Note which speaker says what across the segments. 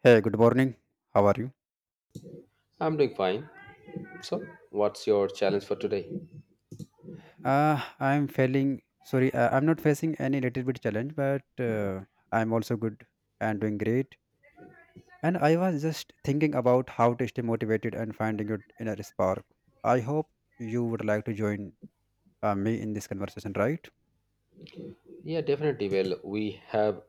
Speaker 1: Hey, good morning. How are you?
Speaker 2: I'm doing fine. So, what's your challenge for today?
Speaker 1: I'm feeling sorry. I'm not facing any little bit challenge, but I'm also good and doing great. And I was just thinking about how to stay motivated and finding your inner spark. I hope you would like to join me in this conversation, right?
Speaker 2: Yeah, definitely. Well, we have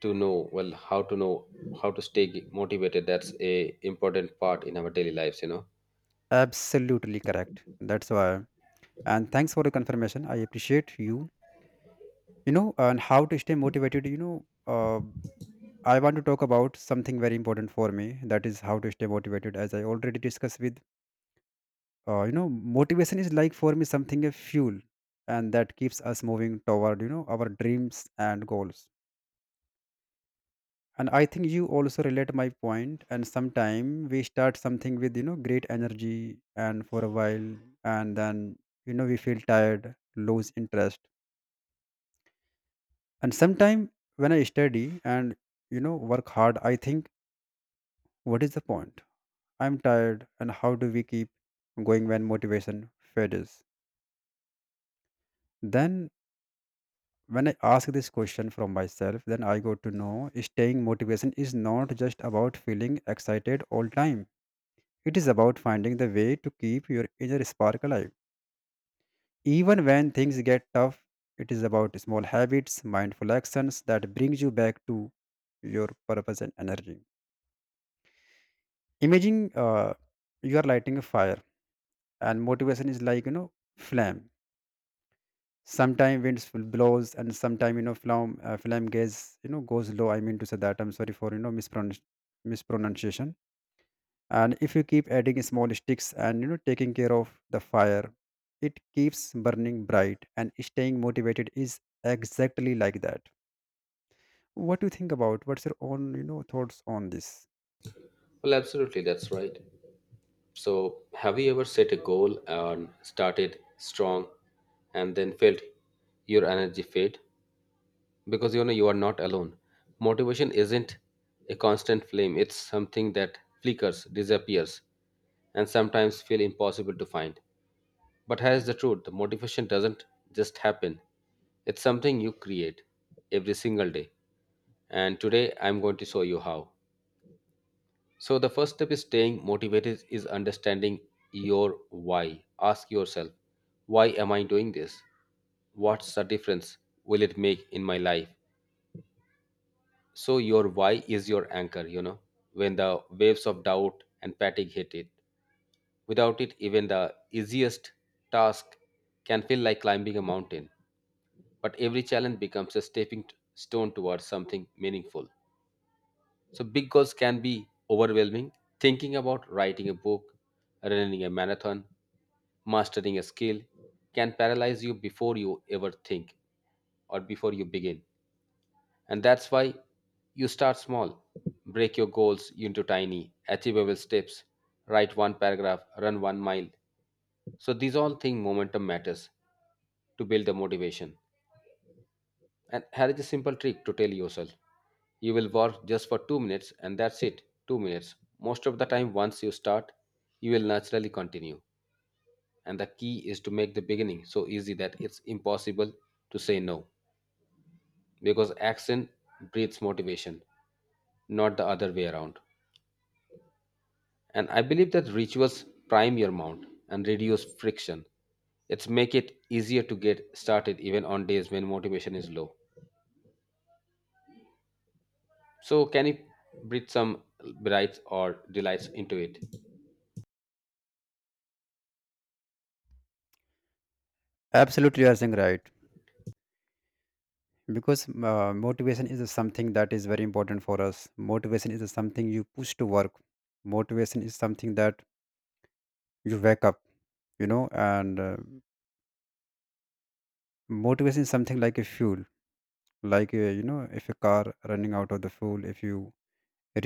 Speaker 2: to know how to stay motivated. That's a important part in our daily lives, you know.
Speaker 1: Absolutely correct. That's why. And thanks for the confirmation. I appreciate you. You know, and how to stay motivated. Uh, I want to talk about something very important for me. That is how to stay motivated. As I already discussed with, motivation is like for me something a fuel, and that keeps us moving toward our dreams and goals. And I think you also relate my point. And sometime we start something with great energy, and for a while, and then we feel tired, lose interest. And sometime when I study and work hard, I think, what is the point? I'm tired, and how do we keep going when motivation fades? Then, when I ask this question from myself, then I got to know staying motivation is not just about feeling excited all time. It is about finding the way to keep your inner spark alive. Even when things get tough, it is about small habits, mindful actions that brings you back to your purpose and energy. Imagine you are lighting a fire, and motivation is like flame. Sometime winds will blows, and sometime flame flame gas goes low. I mean to say that I'm sorry for mispronunciation. And if you keep adding small sticks and taking care of the fire, it keeps burning bright, and staying motivated is exactly like that. What do you think about, what's your own thoughts on this?
Speaker 2: Well, absolutely. That's right. So, have you ever set a goal and started strong, and then felt your energy fade? Because you know you are not alone. Motivation isn't a constant flame, it's something that flickers, disappears, and sometimes feel impossible to find. But here's the truth, the motivation doesn't just happen, it's something you create every single day. And today I'm going to show you how. So, the first step is staying motivated is understanding your why. Ask yourself, why am I doing this? What's the difference will it make in my life? So your why is your anchor, you know, when the waves of doubt and fatigue hit it. Without it, even the easiest task can feel like climbing a mountain. But every challenge becomes a stepping stone towards something meaningful. So big goals can be overwhelming. Thinking about writing a book, running a marathon, mastering a skill can paralyze you before you ever think or before you begin. And that's why you start small. Break your goals into tiny, achievable steps. Write one paragraph, run one mile. So these all thing momentum matters to build the motivation. And here is a simple trick to tell yourself. You will work just for two minutes and that's it. Two minutes. Most of the time, once you start, you will naturally continue. And the key is to make the beginning so easy that it's impossible to say no, because action breeds motivation, not the other way around. And I believe that rituals prime your mount and reduce friction. It's make it easier to get started even on days when motivation is low. So can you breathe some brights or delights into it?
Speaker 1: Absolutely, you are saying right. Because motivation is something that is very important for us. Motivation is something you push to work. Motivation is something that you wake up, and motivation is something like a fuel. Like if a car running out of the fuel, if you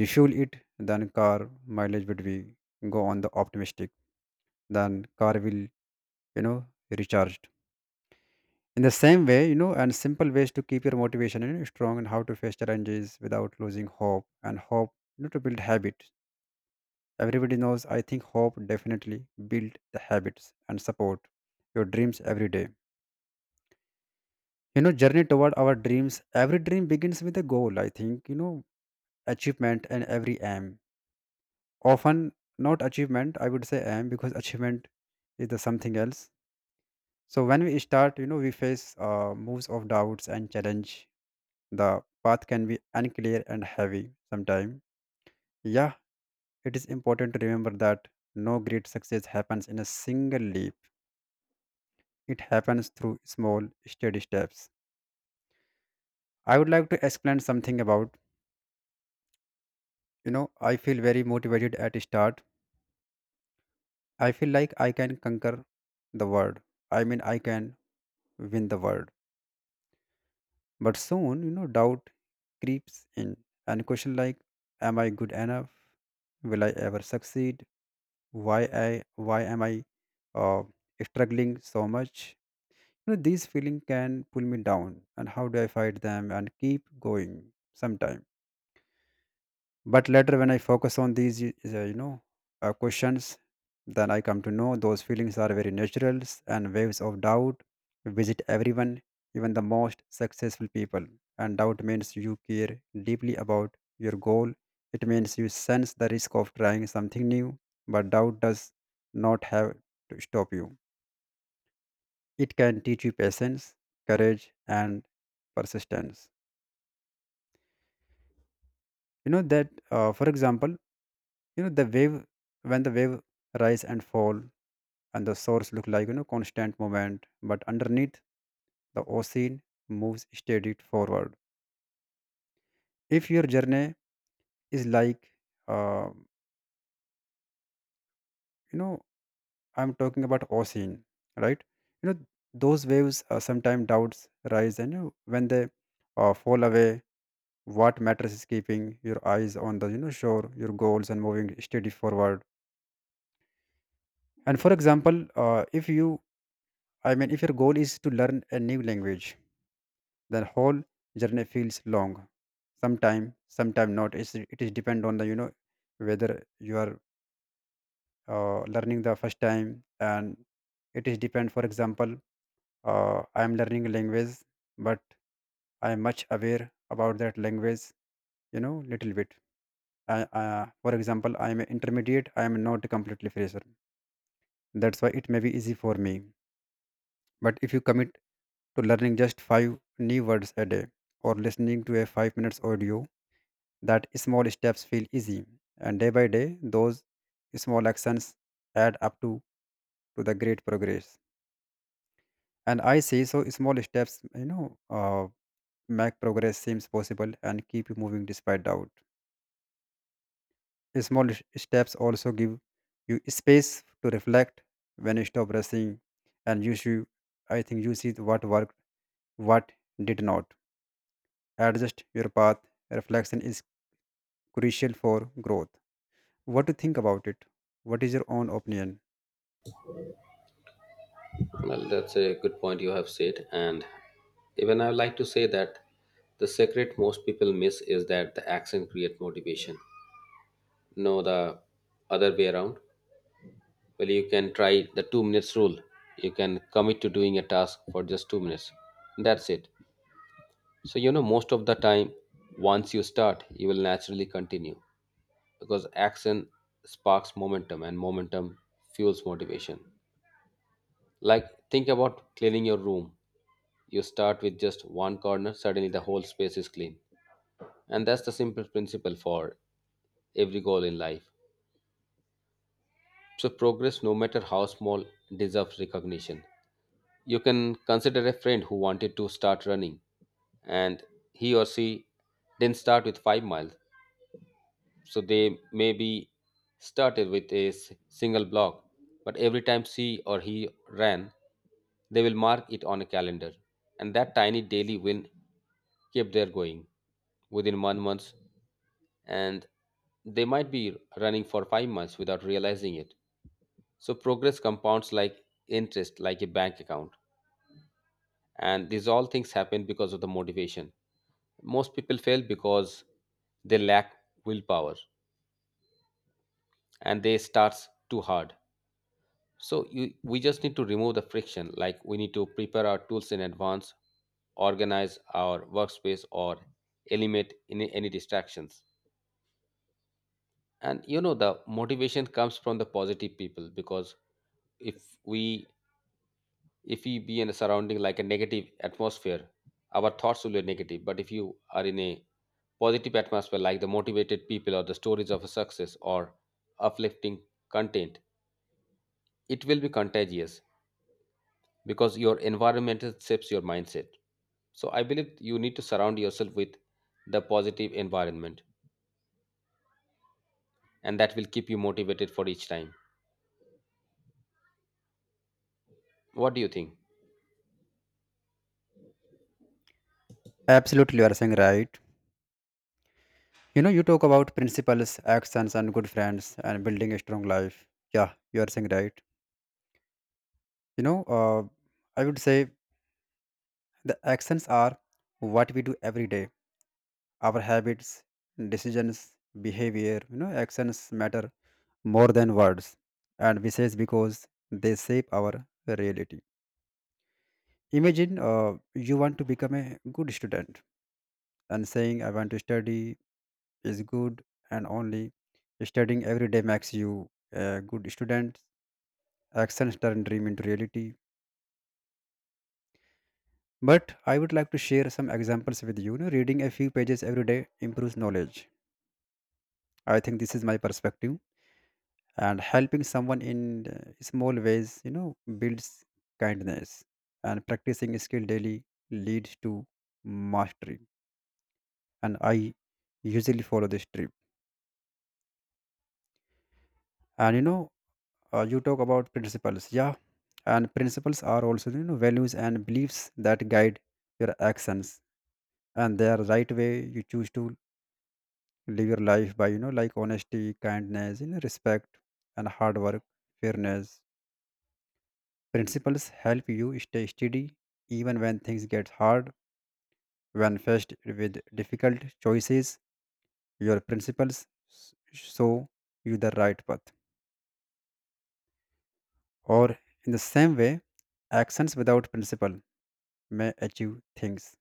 Speaker 1: refuel it, then car mileage would be go on the optimistic, then car will know recharged. In the same way, and simple ways to keep your motivation, strong, and how to face challenges without losing hope. And hope, to build habit everybody knows, I think hope definitely build the habits and support your dreams every day. Journey toward our dreams, every dream begins with a goal. I think achievement and every aim, often not achievement, I would say aim because achievement is the something else. So when we start, we face moves of doubts and challenge. The path can be unclear and heavy sometimes. Yeah, it is important to remember that no great success happens in a single leap. It happens through small, steady steps. I would like to explain something about. You know, I feel very motivated at start. I feel like I can conquer the world. I mean, I can win the world. But soon, doubt creeps in and question like, am I good enough? Will I ever succeed? Why am I uh, struggling so much? You know, these feelings can pull me down. And how do I fight them and keep going sometimes? But later, when I focus on these is, questions, then I come to know those feelings are very natural, and waves of doubt visit everyone, even the most successful people. And doubt means you care deeply about your goal. It means you sense the risk of trying something new, but doubt does not have to stop you. It can teach you patience, courage, and persistence. That for example, the wave, when the wave rise and fall, and the shores look like constant movement, but underneath, the ocean moves steady forward. If your journey is like uh, you know I'm talking about ocean, right? you know those waves, sometimes doubts rise, and when they fall away, what matters is keeping your eyes on the shore, your goals, and moving steady forward. And for example, if your goal is to learn a new language, the whole journey feels long. Sometime, sometime not, it is depend on the whether you are learning the first time. And it is depend, for example, I am learning a language, but I am much aware about that language, little bit. For example, I am an intermediate, I am not a completely fresher. That's why it may be easy for me. But if you commit to learning just five new words a day, or listening to a 5 minutes audio, that small steps feel easy. And day by day, those small actions add up to the great progress. And I see, so small steps, uh, make progress seems possible and keep you moving despite doubt. Small steps also give you space to reflect. When you stop rushing, and you see, I think you see what worked, what did not. Adjust your path. Reflection is crucial for growth. What do you think about it? What is your own opinion?
Speaker 2: Well, that's a good point you have said. And even I would like to say that the secret most people miss is that the action create motivation. No, the other way around. Well, you can try the two minutes rule. You can commit to doing a task for just two minutes. That's it. So, you know, most of the time, once you start, you will naturally continue because action sparks momentum and momentum fuels motivation. Like, think about cleaning your room. You start with just one corner, suddenly the whole space is clean. And that's the simple principle for every goal in life. So, progress, no matter how small, deserves recognition. You can consider a friend who wanted to start running, and he or she didn't start with 5 miles. So they may be started with a single block, but every time she or he ran, they will mark it on a calendar. And that tiny daily win kept their going. Within one month, and they might be running for five months without realizing it. So progress compounds like interest, like a bank account. And these all things happen because of the motivation. Most people fail because they lack willpower and they start too hard. So we just need to remove the friction. Like, we need to prepare our tools in advance, organize our workspace, or eliminate any distractions. And you know the motivation comes from the positive people, because if we if we be in a surrounding like a negative atmosphere, our thoughts will be negative. But if you are in a positive atmosphere like the motivated people or the stories of a success or uplifting content, it will be contagious, because your environment shapes your mindset. So I believe you need to surround yourself with the positive environment, and that will keep you motivated for each time. What do you think?
Speaker 1: Absolutely, you are saying right. You know, you talk about principles, actions, and good friends, and building a strong life. Yeah, you are saying right. You know, uh, I would say the actions are what we do every day. Our habits, decisions, behavior. You know, actions matter more than words, and we say because they shape our reality. Imagine you want to become a good student, and saying, "I want to study is good, and only studying every day makes you a good student. Actions turn dream into reality." But I would like to share some examples with you. You know, reading a few pages every day improves knowledge. I think this is my perspective. And helping someone in small ways, builds kindness. And practicing skill daily leads to mastery. And I usually follow this trip. And you talk about principles. Yeah. And principles are also, values and beliefs that guide your actions. And they are right way you choose to live your life by, like honesty, kindness, respect, and hard work, fairness. Principles help you stay steady, even when things get hard. When faced with difficult choices, your principles s- show you the right path. Or, in the same way, actions without principle may achieve things,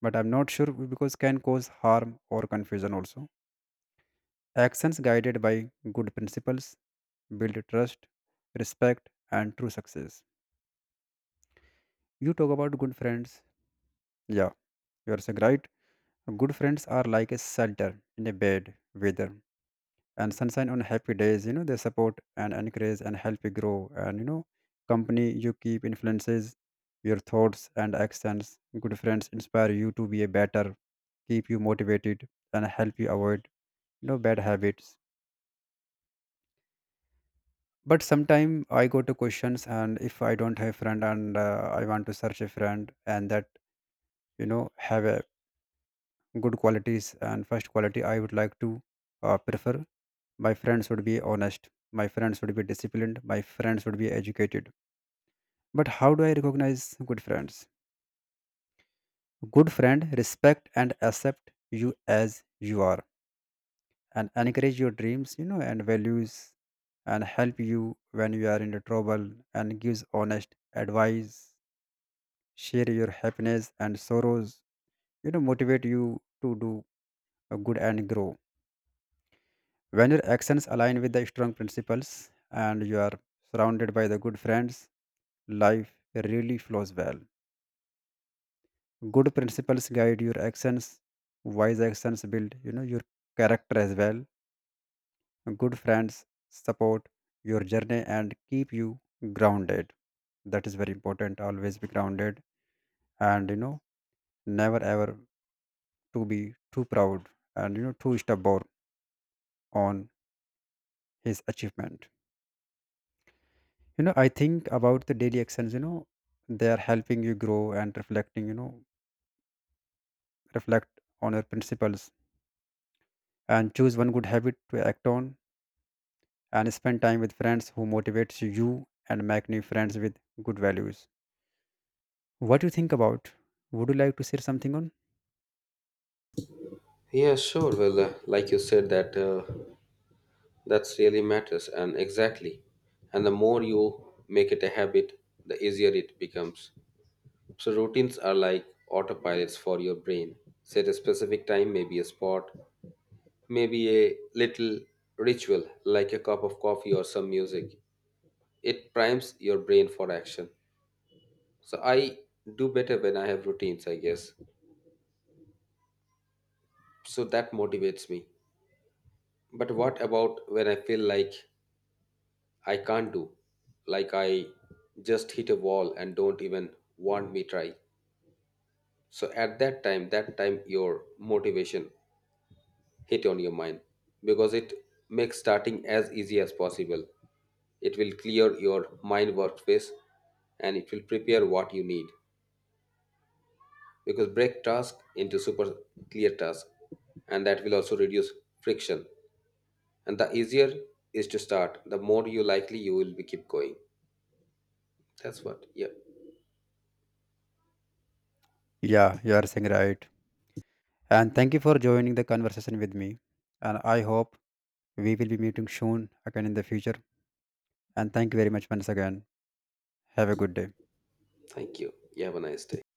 Speaker 1: but I'm not sure because can cause harm or confusion also. Actions guided by good principles build trust, respect, and true success. You talk about good friends. Yeah, you are saying right. Good friends are like a shelter in a bad weather and sunshine on happy days. You know they support and encourage and help you grow. And you know company you keep influences your thoughts and actions. Good friends inspire you to be a better, keep you motivated, and help you avoid bad habits. But sometime I go to questions, and if I don't have friend, and I want to search a friend, and that, have a good qualities. And first quality I would like to prefer, my friends should be honest, my friends should be disciplined, my friends should be educated. But how do I recognize good friends? Good friend respect and accept you as you are, and encourage your dreams, and values, and help you when you are in the trouble, and gives honest advice, share your happiness and sorrows, motivate you to do a good and grow. When your actions align with the strong principles, and you are surrounded by the good friends, life really flows well. Good principles guide your actions, wise actions build, your character as well. Good friends support your journey and keep you grounded. That is very important. Always be grounded, and never ever to be too proud, and too stubborn on his achievement. I think about the daily actions, they are helping you grow, and reflecting, reflect on your principles, and choose one good habit to act on, and spend time with friends who motivates you, and make new friends with good values. What do you think about? Would you like to share something on?
Speaker 2: Yeah, sure. Well, like you said, that's really matters, and exactly. And the more you make it a habit, the easier it becomes. So routines are like autopilots for your brain. Set a specific time, maybe a spot, maybe a little ritual like a cup of coffee or some music. It primes your brain for action. So I do better when I have routines, I guess. So that motivates me. But what about when I feel like I can't do, like I just hit a wall and don't even want me try? So at that time your motivation hit on your mind, because it makes starting as easy as possible. It will clear your mind workspace, and it will prepare what you need. Because break task into super clear task, and that will also reduce friction. And the easier is to start, the more you likely you will be keep going. That's what. Yeah,
Speaker 1: Yeah, you are saying right. And thank you for joining the conversation with me. And I hope we will be meeting soon again in the future. And thank you very much once again. Have a good day.
Speaker 2: thank you. You have a nice day.